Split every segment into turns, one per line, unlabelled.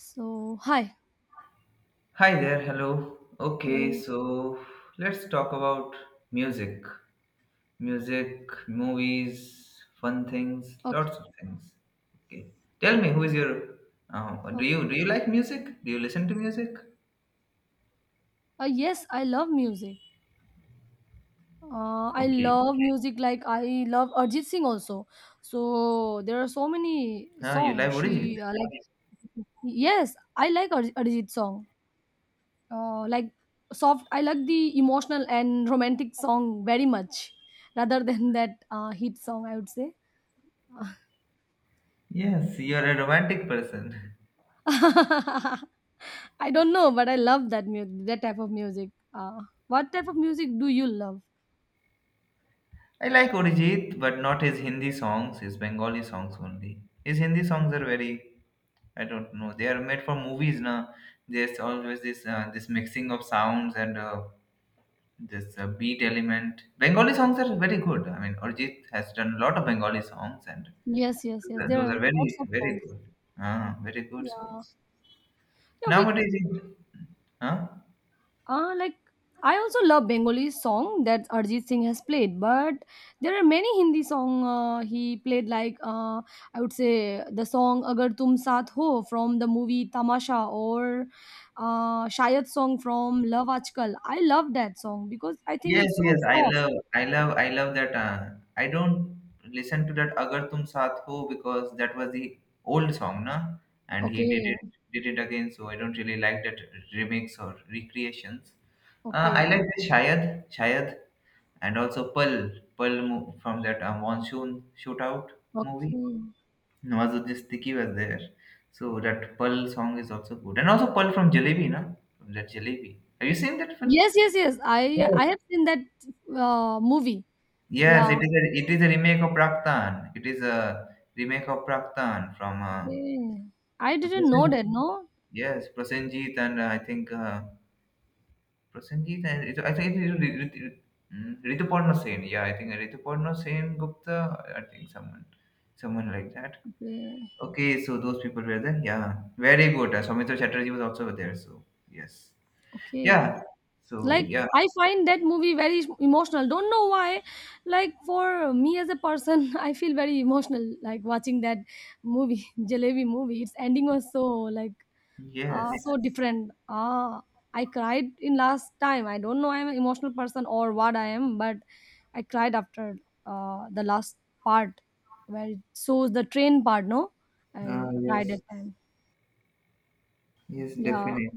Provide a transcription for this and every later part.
So, hi.
Hi there, hello. Okay,
Hello.
so let's talk about music. Music, movies, fun things,
Okay.
lots of things. Okay. Tell me, who is your do
Okay.
you do you like music? Do you listen to music?
Yes, I love music. I
Okay.
love music like I love Arjit Singh also. So there are so many
Ah, you like
songs
Orijit?
she like. Yes, I like Ar Arjit song. Like soft. I like the emotional and romantic song very much, rather than that hit song, I would say.
Yes, you are a romantic person.
I don't know, but I love that that type of music. What type of music do you love?
I like Orijit, but not his Hindi songs, his Bengali songs only. His Hindi songs are very, I don't know, they are made for movies, na. There's always this mixing of sounds, and this a beat element. Bengali songs are very good. I mean, Arjit has done a lot of Bengali songs, and
Yes, yes,
those
yes.
are,
There
those
are
are very,
lots of
very
songs.
good. Ah, very good
Yeah.
songs.
Yeah, we
Nowadays, it, huh?
like I also love Bengali song that Arjit Singh has played, but there are many Hindi song he played like I would say the song Agar Tum Saath Ho from the movie Tamasha, or Shayad song from Love Aajkal. I love that song because I think
Yes,
it's so
yes, I
soft.
love, I love, I love that. I don't listen to that "Agar Tum Saath Ho" because that was the old song, na? And he did
Okay,
it, did it again. So I don't really like that remix or recreations. I like
okay,
the Shayad, and also Pearl, from that Monsoon Shootout movie.
okay.
Nawazuddin Siddiqui was there. So that Pearl song is also good. And also Pearl from Jalebi, na? From that Jalebi. Have you seen that film?
Yes, yes, yes. I
Yes,
I have seen that movie. Yeah.
yes, it is a remake of Praktan. It is a remake of Praktan from
Okay. I didn't know
Prasen,
that, no?
yes, Prasenjit, and I think Prasenjit, and I think it is Rituparna Sen. Yeah, I think Rituparna Sen Gupta. I think someone like that.
Okay.
Okay, so those people were there. Yeah, very good. Soumitra Chatterjee was also there. So yes,
Okay.
yeah. So
Like
yeah,
I find that movie very emotional. Don't know why. Like for me as a person, I feel very emotional like watching that movie, Jalebi movie. Its ending was so like
yes.
so different. Ah, I cried in last time. I don't know I'm an emotional person or what I am, but I cried after the last part where it shows the train part, no?
Ah,
I cried at
yes,
time.
yes,
Yeah.
definitely.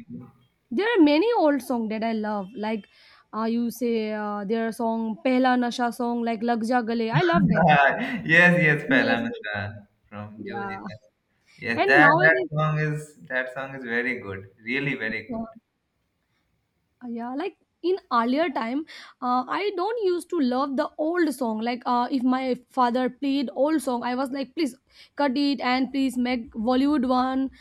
There are many old songs that I love. Like you say, their song Pehla Nasha song, like Lag Ja Gale. I love that.
Yes, yes, Pehla
Yes, yes,
Nusha from
yeah.
Joji. Yes,
And
that
nowadays,
song is very good. Really very good.
uh, yeah, like in earlier time, I don't used to love the old song. Like if my father played old song, I was like, please cut it and please make Bollywood one.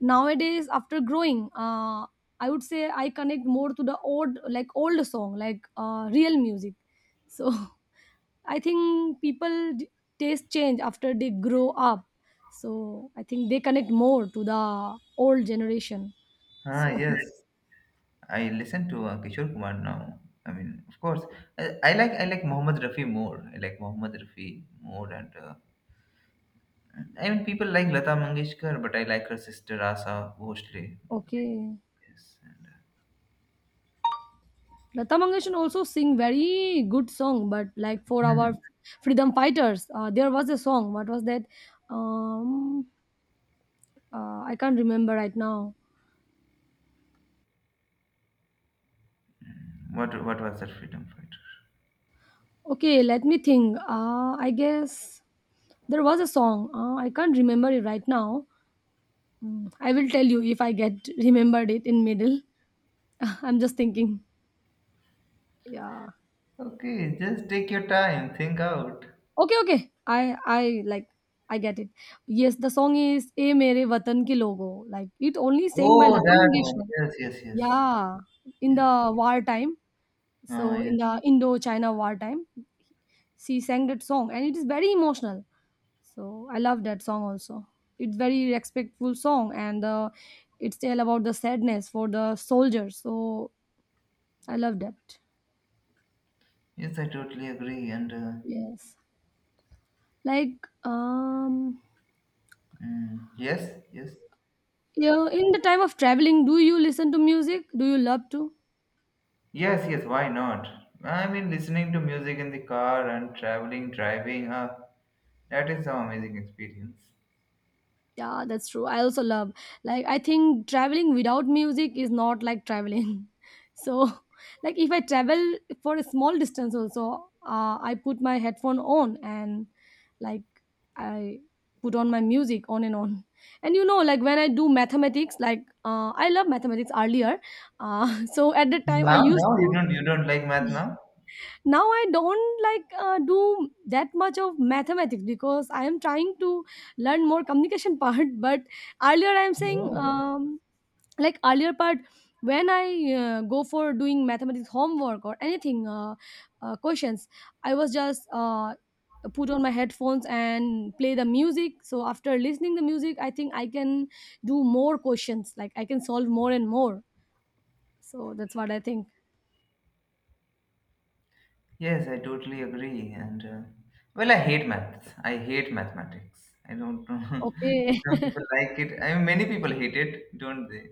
Nowadays, after growing, I would say I connect more to the old, like old song, like real music. So. I think people taste change after they grow up. So I think they connect more to the old generation.
Ah,
So.
yes. I listen to Kishore Kumar now. I mean, of course, I like Mohammed Rafi more. I like Mohammed Rafi more, and I mean, people like Lata Mangeshkar, but I like her sister Asa Bhosle more.
Okay.
Yes. And,
Lata Mangeshkar also sing very good song, but like for our
hmm,
freedom fighters, there was a song. What was that? Um, I can't remember right now.
what was that freedom fighter?
Okay, let me think. I guess there was a song. I can't remember it right now. I will tell you if I get remembered it in middle. I'm just thinking. Yeah.
Okay, just take your time, think out.
Okay, okay. I get it. Yes, the song is "A Mere Watan Ke Logo." Like it only sang by
Oh,
Lata
that one.
Mangeshkar.
Yes, yes, yes,
Yeah, in
yes.
the war time.
Ah,
So in
yes,
the Indo-China war time, she sang that song, and it is very emotional. So I love that song also. It's very respectful song, and it's tell about the sadness for the soldiers. So I love that.
yes. I totally agree. And
Yes, like
yes, yes.
Yeah, in the time of traveling, do you listen to music? Do you love to?
Yes, yes, why not? I mean, listening to music in the car and traveling, driving, huh? That is some amazing experience.
Yeah, that's true. I also love. Like I think traveling without music is not like traveling. So, like if I travel for a small distance also, I put my headphone on and like I put on my music on. And you know, like when I do mathematics, like I love mathematics earlier. So at the time I
Now,
used
now you
to.
don't you don't like math now?
Now I don't like do that much of mathematics because I am trying to learn more communication part, but earlier I am saying
No.
like earlier part when I go for doing mathematics homework or anything questions I was just put on my headphones and play the music, so after listening the music I think I can do more questions, like I can solve more and more. So that's what I think.
Yes, I totally agree. And well, I hate maths. I hate mathematics. I don't know.
Okay.
Some people like it. I mean, many people hate it, don't they?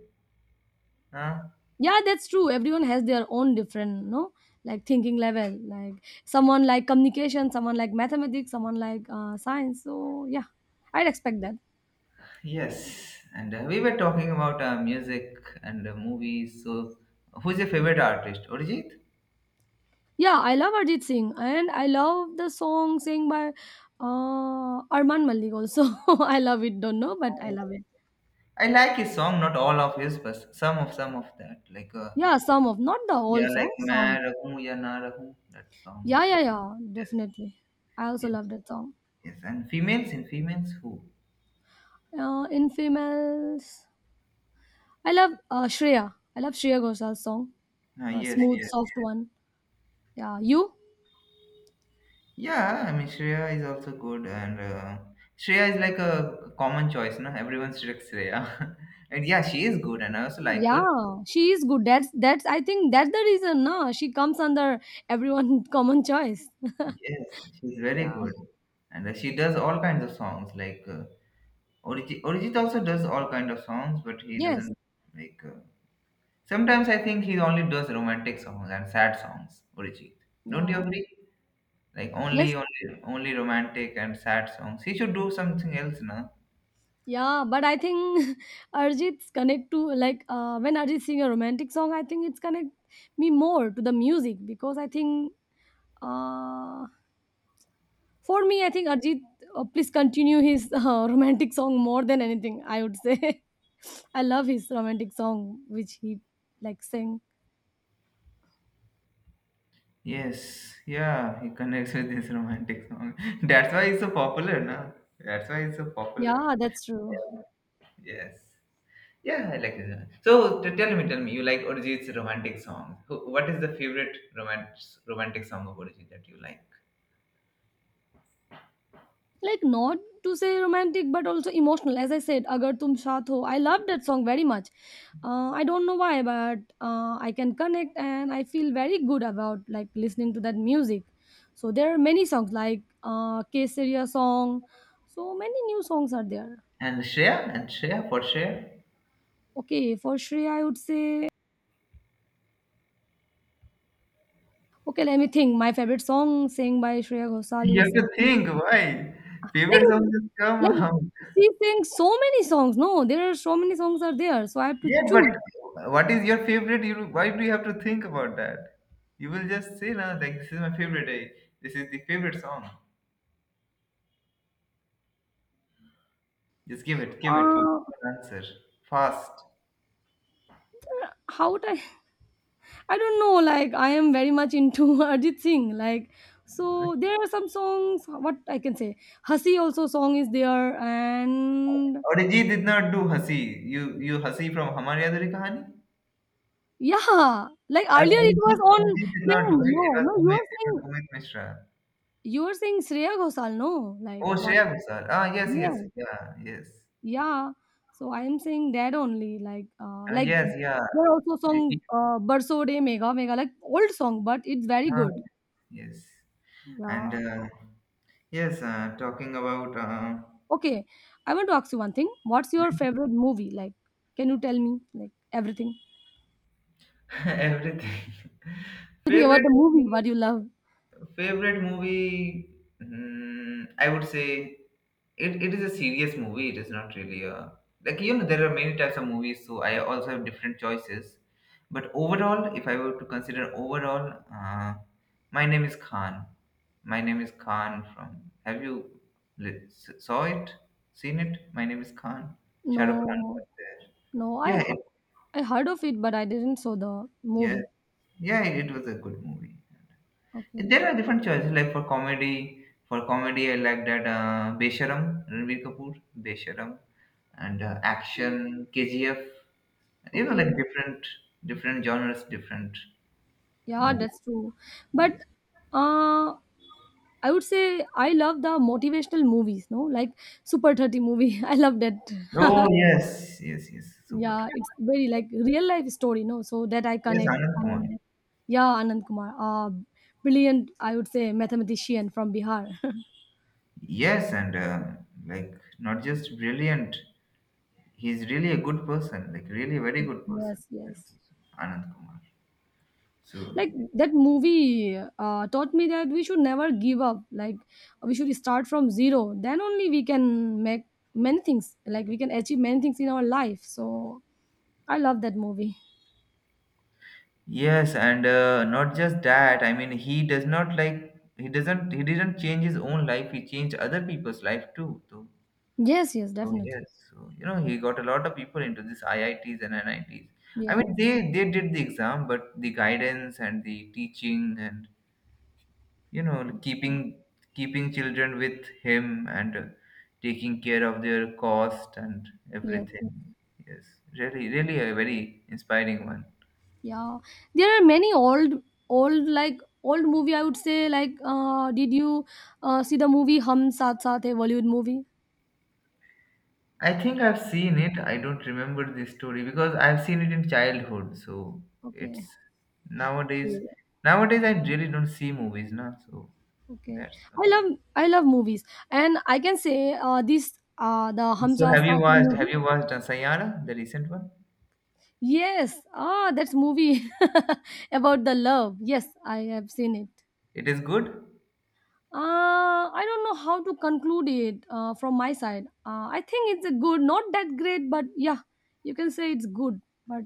Huh?
Yeah, that's true, everyone has their own different, no? Like thinking level, like someone like communication, someone like mathematics, someone like science. So yeah, I'd expect that.
Yes. And we were talking about music and movies. So, who's your favorite artist? Arijit?
Yeah, I love Arjit Singh, and I love the song sing by Arman Malik also. I love it, don't know, but I love it.
I like his song, not all of his, but some of that. Like
Yeah, some of, not the whole
yeah,
song,
like मैं
some.
रहूं ya na रहूं, that song.
Yeah, yeah, yeah,
Yes,
definitely. I also
yes,
love that song.
yes. And females in females who?
In females I love shreya ghoshal's song.
Ah,
A
yes,
smooth
yes.
soft one. Yeah, you?
Yeah, I mean Shreya is also good, and Shreya is like a common choice, no? Everyone selects Shreya, and yeah, she is good, and I also like her.
Yeah, she is good. That's I think that's the reason, no? She comes under everyone common choice.
Yes, she's very
Yeah.
good, and she does all kinds of songs. Like Orijit also does all kind of songs, but he
Yes.
doesn't like. Sometimes I think he only does romantic songs and sad songs, Urijit. Don't you
Yeah.
agree? Like
Yes.
only romantic and sad songs. He should do something else, na?
Yeah, but I think Arjit's connect to like when Arjit sing a romantic song, I think it's connect me more to the music, because I think uh, for me, I think Arjit please continue his romantic song more than anything, I would say. I love his romantic song which he like sing.
Yes, yeah, he connects with his romantic song. That's why he's so popular, na? That's why he's so popular.
Yeah, that's true.
Yeah. Yes. Yeah, I like it. So tell me, you like Urijit's romantic song. What is the favorite romantic song of Urijit that you like?
Like not to say romantic but also emotional, as I said, Agar Tum Sath Ho, I love that song very much. I don't know why, but I can connect and I feel very good about like listening to that music. So there are many songs like Kesariya song. So many new songs are there.
And Shreya, for Shreya.
Okay, for Shreya I would say, okay, let me think, my favorite song sang by Shreya Ghosal
You have
is
to think why
like
favorite songs just come
like
out.
she sings so many songs, no? There are so many songs are there, so I have to
Yeah, but
choose.
what is your favorite? You why do you have to think about that? You will just say, "Nah, like this is my favorite. This is the favorite song." Just give it, give it. Give
Uh,
an answer fast.
how would I don't know, like I am very much into Arjit Singh, like so there are some songs, what I can say, Hasi also song is there. And
Arijit did not do Hasi. You Hasi from Hamari Adhuri Kahani.
yeah, like
Ar-
earlier it was
Arijit,
on
Arijit did not do
trend.
it. It
No,
was
no, you
Umid.
are
It was
saying,
Umid Mishra.
you are saying Shreya Ghoshal, no? Like
Oh,
what.
Shreya Ghosal. Ah, yes, yes,
Yeah,
yeah, yes.
yeah, so I am saying that only,
Ah,
like
yes, yeah.
there are also
They
song,
did-
Barso De Mega Mega, like old song, but it's very
ah,
good.
yes. And
Yeah.
yes, talking about
Okay, I want to ask you one thing. What's your favorite movie? Like, can you tell me like everything?
everything.
Everything about
Favorite
the movie,
movie
what you love?
Favorite movie? Hmm, I would say it is a serious movie. It is not really a, like, there are many types of movies, so I also have different choices. But overall, if I were to consider overall, my name is Khan. My name is Khan from. Have you saw it? Seen it? My name is Khan. Shah Rukh Khan
No,
was there.
no, I
Yeah,
h- I heard of it, but I didn't saw the
yeah,
movie.
yeah. It was a good movie.
Okay,
There are different choices, like for comedy. For comedy, I like that Besharam, Ranbir Kapoor, Besharam, and action, KGF. Like
okay,
different genres, different
yeah,
movies.
that's true.
Yes.
But uh, I would say I love the motivational movies. No, like Super 30 movie. I love that.
Oh, yes, yes, yes, super.
Yeah, it's very like real life story, no? So that I
Yes,
connect.
Anand Kumar.
Yeah, Anand Kumar, brilliant, I would say, mathematician from Bihar.
Yes, and like not just brilliant. He's really a good person, like really very good person.
Yes, yes.
Anand Kumar. So
Like that movie taught me that we should never give up. Like we should start from zero, then only we can make many things. Like we can achieve many things in our life. So I love that movie.
yes, and not just that. I mean, he does not like he doesn't he didn't change his own life. He changed other people's life too. So,
Yes, yes,
so
definitely.
yes, so you know he got a lot of people into this IITs and NITs. I Ts. I mean,
Yes,
they did the exam, but the guidance and the teaching and you know keeping children with him and taking care of their cost and
yes.
everything.
Yes.
Yes, really, really a very inspiring one.
Yeah, there are many old movie, I would say. Like, did you see the movie Hum Saath Saath Hai Bollywood movie?
I think I've seen it. I don't remember this story because I've seen it in childhood. So
Okay.
it's nowadays.
Yeah.
Nowadays, I really don't see movies now. So
Okay,
that's
I
also.
love I love movies, and I can say this the
So
Hum
So
Saath
have you
Saath Hai
watched? Have
movie.
you watched uh, Sayara, the recent one?
Yes, ah, that's movie about the love. Yes, I have seen it.
It is good.
I don't know how to conclude it from my side. I think it's a good, not that great, but yeah, you can say it's good. But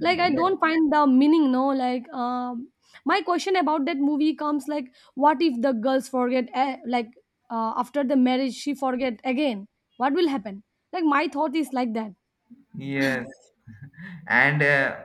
like I
Like,
don't find the meaning, no? Like my question about that movie comes, like what if the girls forget, eh? Like after the marriage she forget again, what will happen? Like my thought is like that.
yes, and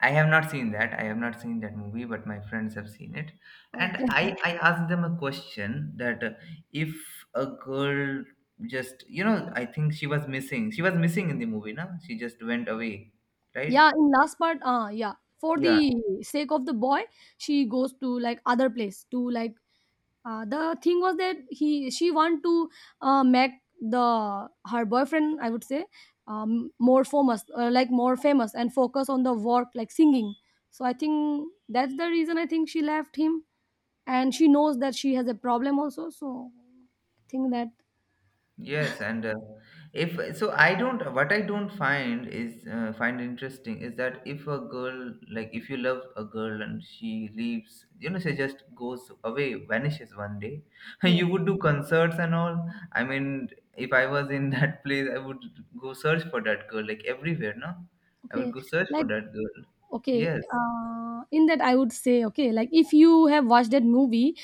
I have not seen that. I have not seen that movie, but my friends have seen it. And I,
Okay,
I asked them a question that if a girl just, I think she was missing. She was missing in the movie, no? She just went away, right?
yeah, in last part yeah, for the sake of the boy she goes to like other place to like. The thing was that he she want to make the her boyfriend, I would say, more famous, like more famous and focus on the work, like singing. So I think that's the reason I think she left him, and she knows that she has a problem also, so I think that.
Yes, and if so, I don't. What I don't find is find interesting is that if a girl, like if you love a girl and she leaves, she just goes away, vanishes one day.
Yes.
You would do concerts and all. I mean, if I was in that place, I would go search for that girl, like everywhere. No, I would
okay
go search for
like
that girl.
okay
Yes.
in that I would say okay, like if you have watched that movie,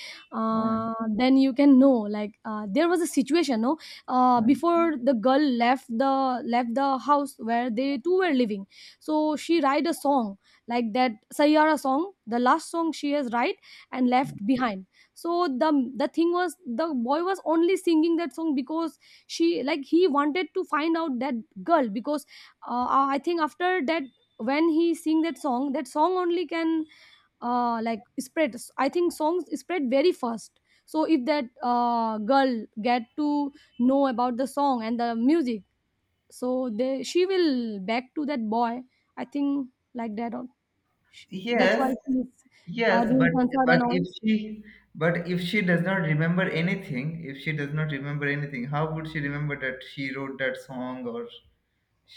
Mm,
then you can know like there was a situation, no?
mm.
Before the girl left the house where they two were living, so she write a song like that, Sayara song, the last song she has write, and left behind. So the thing was the boy was only singing that song because she like he wanted to find out that girl because I think after that, when he sing that song, that song only can like spread. I think songs spread very fast, so if that girl get to know about the song and the music, so they she will back to that boy. I think like that, or that's why
Yes,
she's
yes,
doing concert
but
and all.
if she but if she does not remember anything, how would she remember that she wrote that song or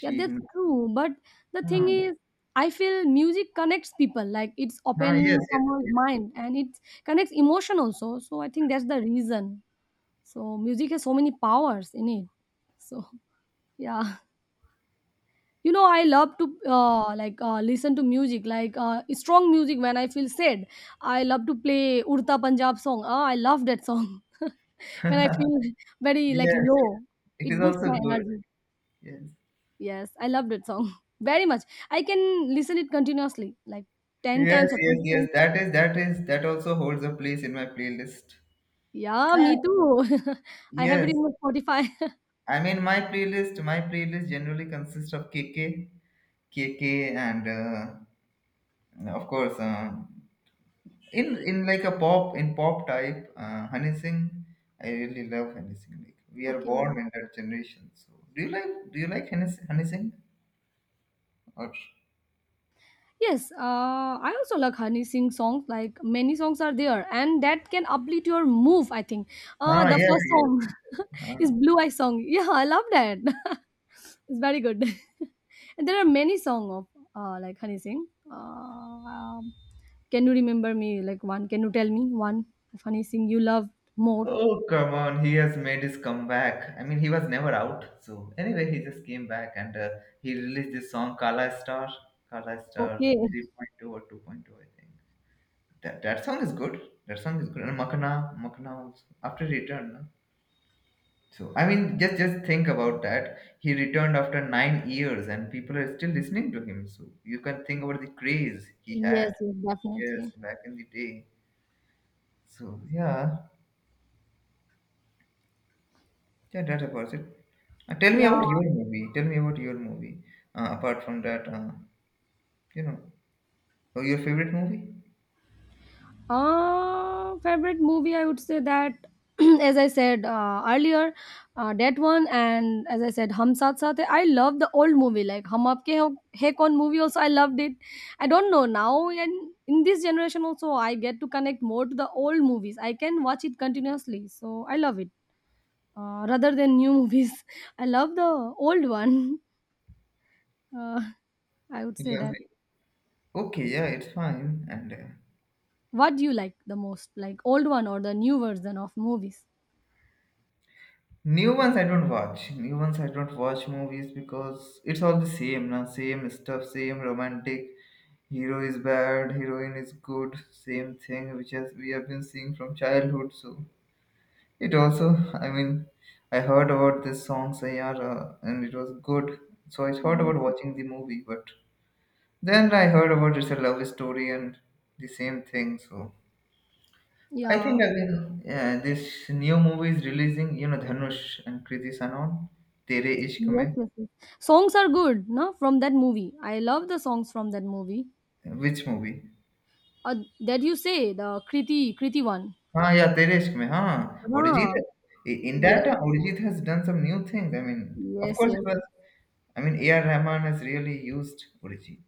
Yeah, that's true, but the thing
Huh.
is I feel music connects people, like it's
Huh,
open
yes, yes,
someone's
yes,
mind and it connects emotion also, so I think that's the reason. So music has so many powers in it. So yeah, I love to like listen to music like strong music when I feel sad. I love to play Urta Punjab song. Ah, I love that song when I feel very like
yes, yes.
low.
It is
It boosts
also
my
good.
energy.
Yes,
Yes, I love that song very much. I can listen it continuously like ten
yes,
times or
yes,
20
yes.
times.
That also holds a place in my playlist.
Yeah,
Ah,
me too. I have it
yes,
in my Spotify.
I mean my playlist. My playlist generally consists of KK, and of course. In like a pop in pop type Honey Singh. I really love Honey Singh. Like we are born
Okay.
in that generation. So do you like Honey Singh? Or,
Yes, I also like Honey Singh songs. Like many songs are there, and that can uplift your move, I think.
ah,
The
yes,
first
yes.
song
Ah.
is Blue Eye song. Yeah, I love that. It's very good. And there are many songs of like Honey Singh. Uh, um, can you remember me? Like one? Can you tell me one of Honey Singh you love more?
Oh, come on, he has made his comeback. I mean, he was never out. So anyway, he just came back and he released this song Kala Star, Kala Star
Okay.
3.2 or 2.2, I think. That song is good. That song is good. And Makana also. After he returned, no? So I mean, just think about that. He returned after 9 years, and people are still listening to him. So you can think about the craze he
Yes,
had.
yes,
Yes,
definitely.
back in the day. So yeah, yeah, that about it. Uh, tell me
Yeah.
about your movie. Tell me about your movie. Apart from that, you know, oh, your favorite movie.
Favorite movie, I would say that, as I said earlier, that one, and as I said, Hum Saath Saath Hai. I love the old movie, like Hum Aapke Ho- Hai Kaun movie. Also, I loved it. I don't know now, and in this generation also, I get to connect more to the old movies. I can watch it continuously, so I love it. Rather than new movies, I love the old one. Uh, I would say that.
Lovely. Okay, yeah, it's fine. And
What do you like the most, like old one or the new version of movies?
new ones I don't watch. New ones I don't watch movies because it's all the same now. Same stuff, same romantic hero is bad, heroine is good, same thing which has we have been seeing from childhood. So it also, I mean, I heard about this song Sayara and it was good. So I thought
Yes.
about watching the movie, but then I heard about it's a love story and the same thing. So I think
Yeah.
I will. Yeah, this new movie is releasing. You know, Dhanush and Kriti Sanon, Tere Ishq
Yes,
Mein.
yes, yes. Songs are good, no? From that movie. I love the songs from that movie.
Which movie?
That you say, the Kriti one.
हाँ, yeah, Tereshk में, हाँ, Arijit
Ah,
in that,
yes,
Arijit has done some new things, I mean, of
yes,
course it
yes.
was, I mean, A.R. Rahman has really used Arijit,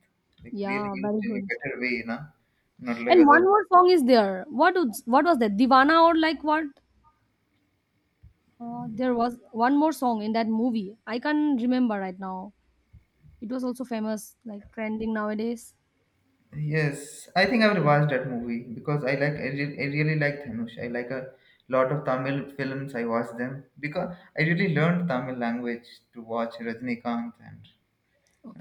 like really
Yeah,
used
very
in a
good.
better way, na? Not like
And
other.
one more song is there. What was that? Divana or like what? There was one more song in that movie. I can't remember right now. It was also famous, like trending nowadays.
Yes, I think I will watch that movie because I like, I really like Dhanush. I like a lot of Tamil films. I watch them because I really learned Tamil language to watch Rajnikant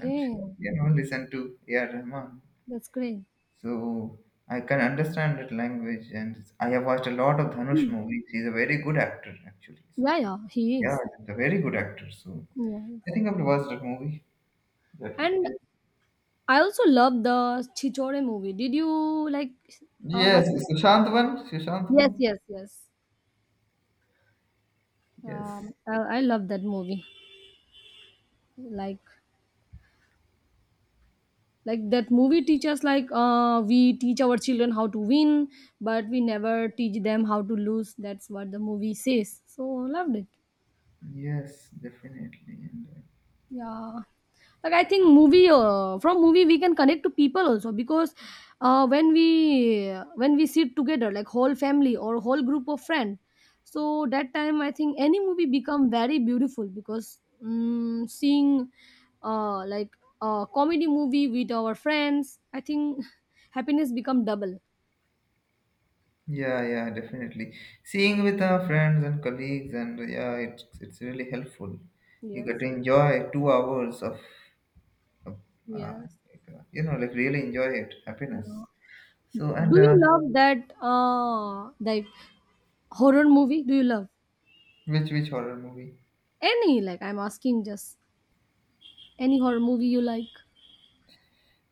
and, you know, listen to A.R. Rahman.
that's great.
So I can understand that language, and I have watched a lot of Dhanush
Hmm.
movies. He's a very good actor, actually. So,
Yeah, yeah, he
yeah,
is.
he's a very good actor. So
Yeah.
I think I have watched that movie. That one.
And I also love the Chichore movie. Did you like
Yes,
watch it?
Sushant one. Sushant
Yes,
one.
yes, yes.
Yes.
I love that movie. Like, like that movie teaches like we teach our children how to win, but we never teach them how to lose. That's what the movie says. So loved it.
Yes, definitely.
Yeah. Like I think movie from movie we can connect to people also because when we sit together like whole family or whole group of friend, so that time I think any movie become very beautiful because seeing like a comedy movie with our friends, I think happiness become double.
Yeah, yeah, definitely. Seeing with our friends and colleagues, and yeah, it's really helpful. You get to
Yes,
enjoy 2 hours of, of uh,
yes,
really enjoy it, happiness.
yeah.
So
Do
and
you love that like horror movie? Do you love
Which horror movie?
any like I'm asking just any horror movie you like?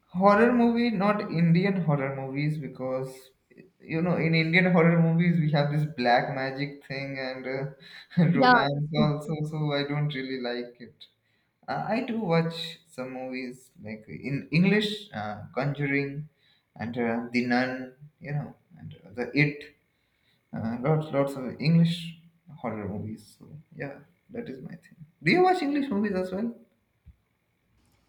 Horror movie, not Indian horror movies, because you know in Indian horror movies we have this black magic thing and
Yeah, that's
romance
true.
also, so I don't really like it. I do watch some movies like in English, Conjuring, and The Nun, you know, and the It. Lots of English horror movies. So yeah, that is my thing. Do you watch English movies as well?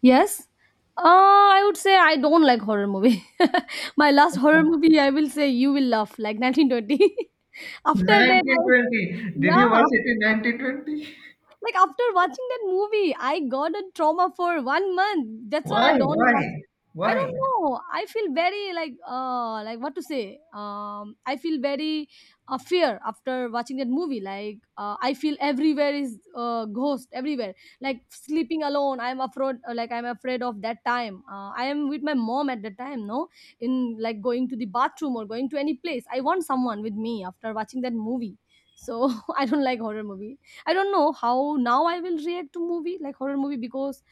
Yes? I would say I don't like horror movie. My last horror movie, I will say you will laugh, like 1920. After that,
1920. Did you
yeah.
watch it in 1920?
Like after watching that movie, I got a trauma for one month. That's why I
Why?
don't watch.
Why?
I
Why?
don't know. I feel very like what to say. I feel very fear after watching that movie. Like I feel everywhere is ghost everywhere. Like sleeping alone, I'm afraid. Like I'm afraid of that time. I am with my mom at the time, no, in like going to the bathroom or going to any place. I want someone with me after watching that movie. So I don't like horror movies. I don't know how now I will react to movie like horror movie because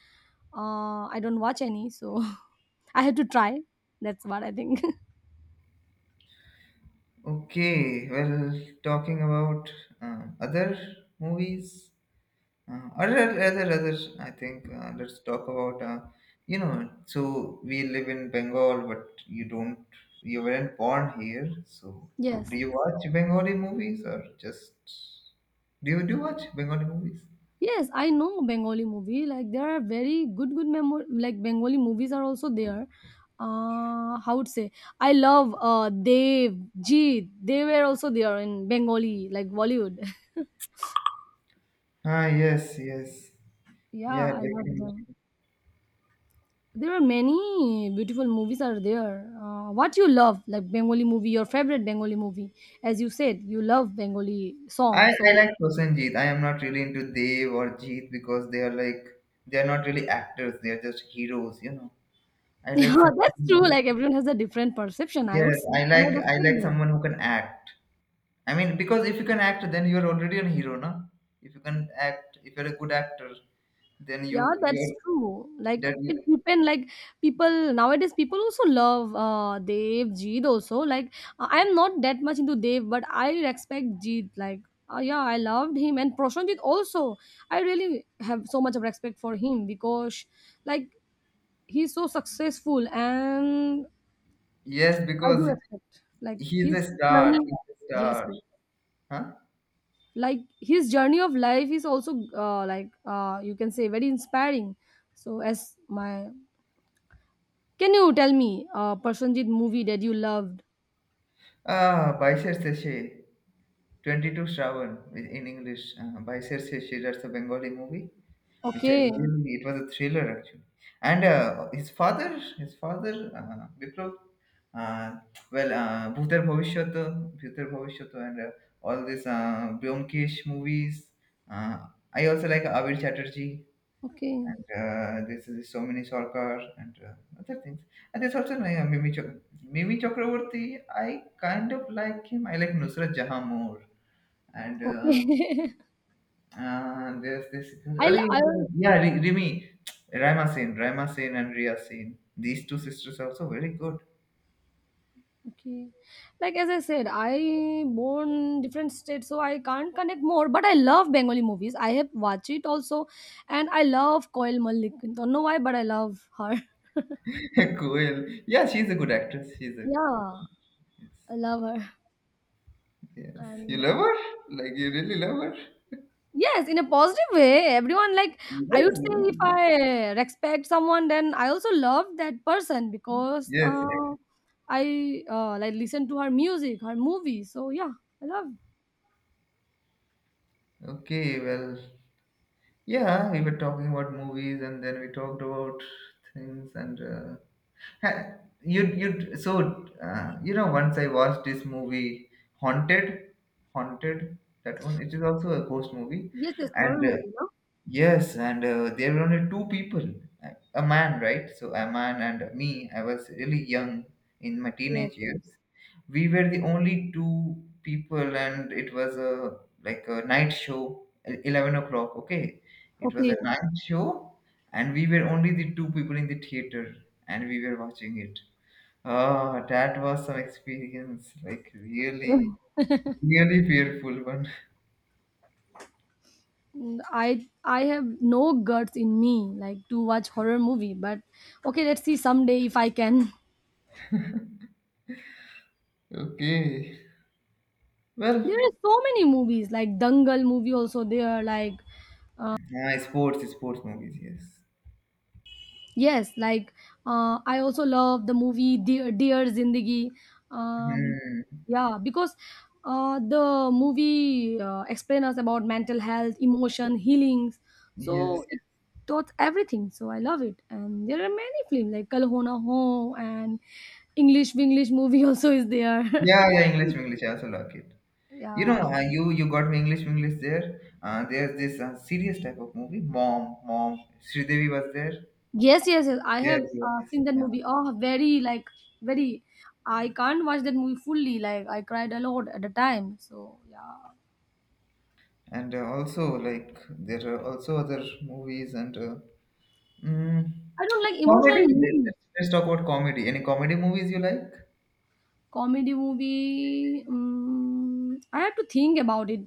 I don't watch any, so I had to try. That's what I think.
Okay. Well, talking about other movies, other. I think Let's talk about you know. So we live in Bengal, but you don't. You weren't born here, so
Yes,
do you watch Bengali movies or just do you watch Bengali movies?
yes, I know Bengali movie. Like there are very good, good memory. Like Bengali movies are also there. How would say? I love Dev, Jeet. They were also there in Bengali, like Bollywood.
Ah, yes, yes.
Yeah,
Yeah,
I love
definitely.
them. There are many beautiful movies are there. What you love, like Bengali movie, your favorite Bengali movie, as you said, you love Bengali song.
I,
So
I like Prosenjit. I am not really into Dev or Jeet because they are not really actors. They are just heroes. You know. I
yeah,
like
that's true.
someone.
Like everyone has a different perception, I would
Yes,
say, and I would
I
accept
like
that.
someone who can act. I mean, because if you can act, then you are already a hero, no? If you can act, if you're a good actor, then you
Yeah,
you are
that's true. Like
that you,
it depend. Like people nowadays, people also love Dev Jeet also. Like I am not that much into Dev, but I respect Jeet. Like yeah, I loved him and Prashanjit also. I really have so much of respect for him because like he's so successful, and
yes,
I do
because
respect like
he's a
his journey.
star. He's a
Yes,
star. Huh?
like his journey of life is also like you can say very inspiring, so as my can you tell me a Prasenjit movie that you loved?
Ah, Baisar Seshe, 22 Shravan in English. Baisar Seshe, that's a Bengali movie, which I
Okay,
really, it was a thriller actually. And his father, Biplav, uh, Bhutar Bhavishyato, and all these Byomkesh movies. Uh, I also like Abir Chatterjee.
okay,
And this is so many Sarkar and other things. And there's also Mimi, Chak- Mimi Chakraborty. I kind of like him. I like Nusrat Jahan more and
okay.
there's this.
I'll, I'll,
Rimi, Raima Sen and Riya Sen. These two sisters are also very good.
okay. Like as I said, I born different states, so I can't connect more. But I love Bengali movies. I have watched it also, and I love Koil Malik. Don't know why, but I love her.
Cool. Yeah, she's a good actress. She's a,
Yeah, I love her.
yes. You
And
love her? Like you really love her?
yes, in a positive way. Everyone like I would say
Yes.
if I respect someone, then I also love that person because
Yes.
I like listen to her music, her movie. So yeah, I love.
Okay. Well, yeah. We were talking about movies, and then we talked about things, and Ha- you you so you know, once I watched this movie Haunted, Haunted that one. It is also a ghost movie,
Yes, yes,
and
horror movie, no?
yes, and there were only two people, a man, right? So a man and me. I was really young in my
Yes,
teenage
yes.
years. We were the only two people, and it was a like a night show, 11 o'clock. Okay, it was a
Okay.
night show, and we were only the two people in the theater, and we were watching it. Ah, that was some experience, like really, really fearful one.
Mm, I have no guts in me like to watch horror movie, but okay, let's see someday if I can.
Okay,
There
well.
are so many movies like Dangal movie also there like
Ah, sports movies, yes.
yes, like I also love the movie Dear Zindagi. Um,
Hmm.
yeah, because the movie explain us about mental health, emotion, healings.
Yes.
So it taught everything. So I love it. And there are many films like Kal Ho Na Ho and English English movie also is there.
Yeah, yeah, English English. I also like it. You know,
Yeah.
you got me English English there. There's this serious type of movie. Mom. Sridevi was there.
Yes, yes, yes. I
Yes,
have
yes, yes.
seen that
Yeah.
movie. Oh, very like very. I can't watch that movie fully. Like I cried a lot at the time. So yeah,
And also like there are also other movies and mm,
I don't like emotional
comedy.
movie.
Let's talk about comedy. Any comedy movies you like?
Comedy movie. I have to think about it.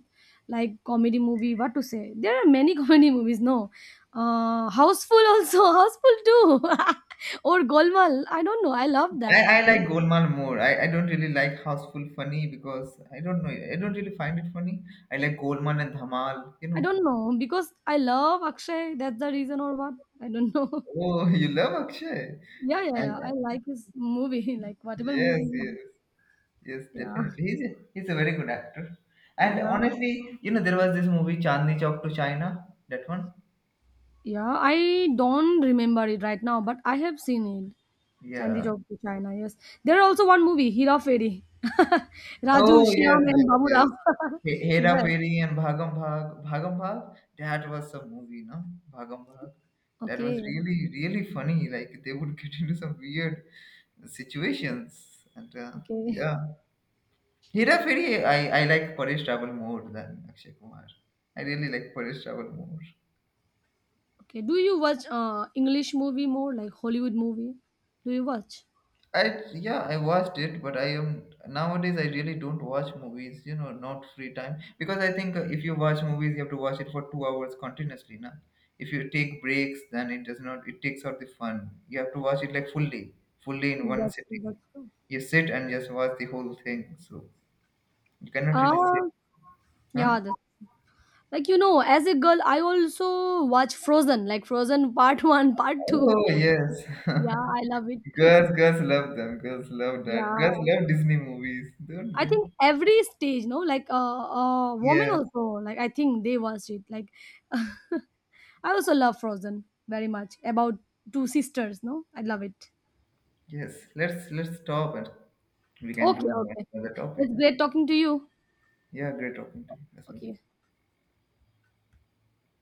Like comedy movie, what to say? There are many comedy movies. No, Houseful also. Houseful too. Or Golmaal. I don't know. I love that.
I like
Like,
Golmaal more. I don't really like Houseful Funny because I don't know. I don't really find it funny. I like Golmaal and Dhamal, you
I
know.
don't know because I love Akshay. That's the reason or what? I don't know.
Oh, you love Akshay.
Yeah, yeah,
And
yeah. I like his movie, like whatever
Yes,
movie.
yes, yes,
Yeah,
definitely. He's a very good actor. And
yeah,
honestly, you know, there was this movie Chandni Chowk to China, that one.
yeah. I don't remember it right now, but I have seen it. Chandy
Yeah.
Job to China, yes. There are also one movie, Hira Fairy. Raju,
Oh yes,
Shyam, and
yes,
Baburao.
yes. Hera
Yes.
Fairy and Bhagam Bhag. Bhagam Bhag. That was some movie, no? Bhagam Bhag. That was
Okay,
really, really funny. Like they would get into some weird situations, and
okay,
yeah. Hera Fairy. I like Paresh Travel more than Akshay Kumar. I really like Paresh Travel more.
okay. Do you watch English movie more, like Hollywood movie? Do you watch?
I Yeah, I watched it, but I am nowadays I really don't watch movies. You know, not free time because I think if you watch movies, you have to watch it for 2 hours continuously. Na, if you take breaks, then it does not. It takes out the fun. You have to watch it like fully, fully in one sitting.
That's true.
You sit and just watch the whole thing. So you cannot really
Uh,
sit, huh?
yeah, that's like you know, as a girl I also watch Frozen, like Frozen part 1 part 2.
Oh yes,
Yeah, I love it.
girls love them. Girls love that.
Yeah,
Girls love Disney movies, don't
I
they?
think every stage, no, like a woman
Yes,
also, like I think they watched it like I also love Frozen very much. About two sisters, no? I love it.
yes. Let's stop it. We can
Okay,
do
okay,
another topic.
it's great talking to you.
Yeah, great talking to you as well.
Okay.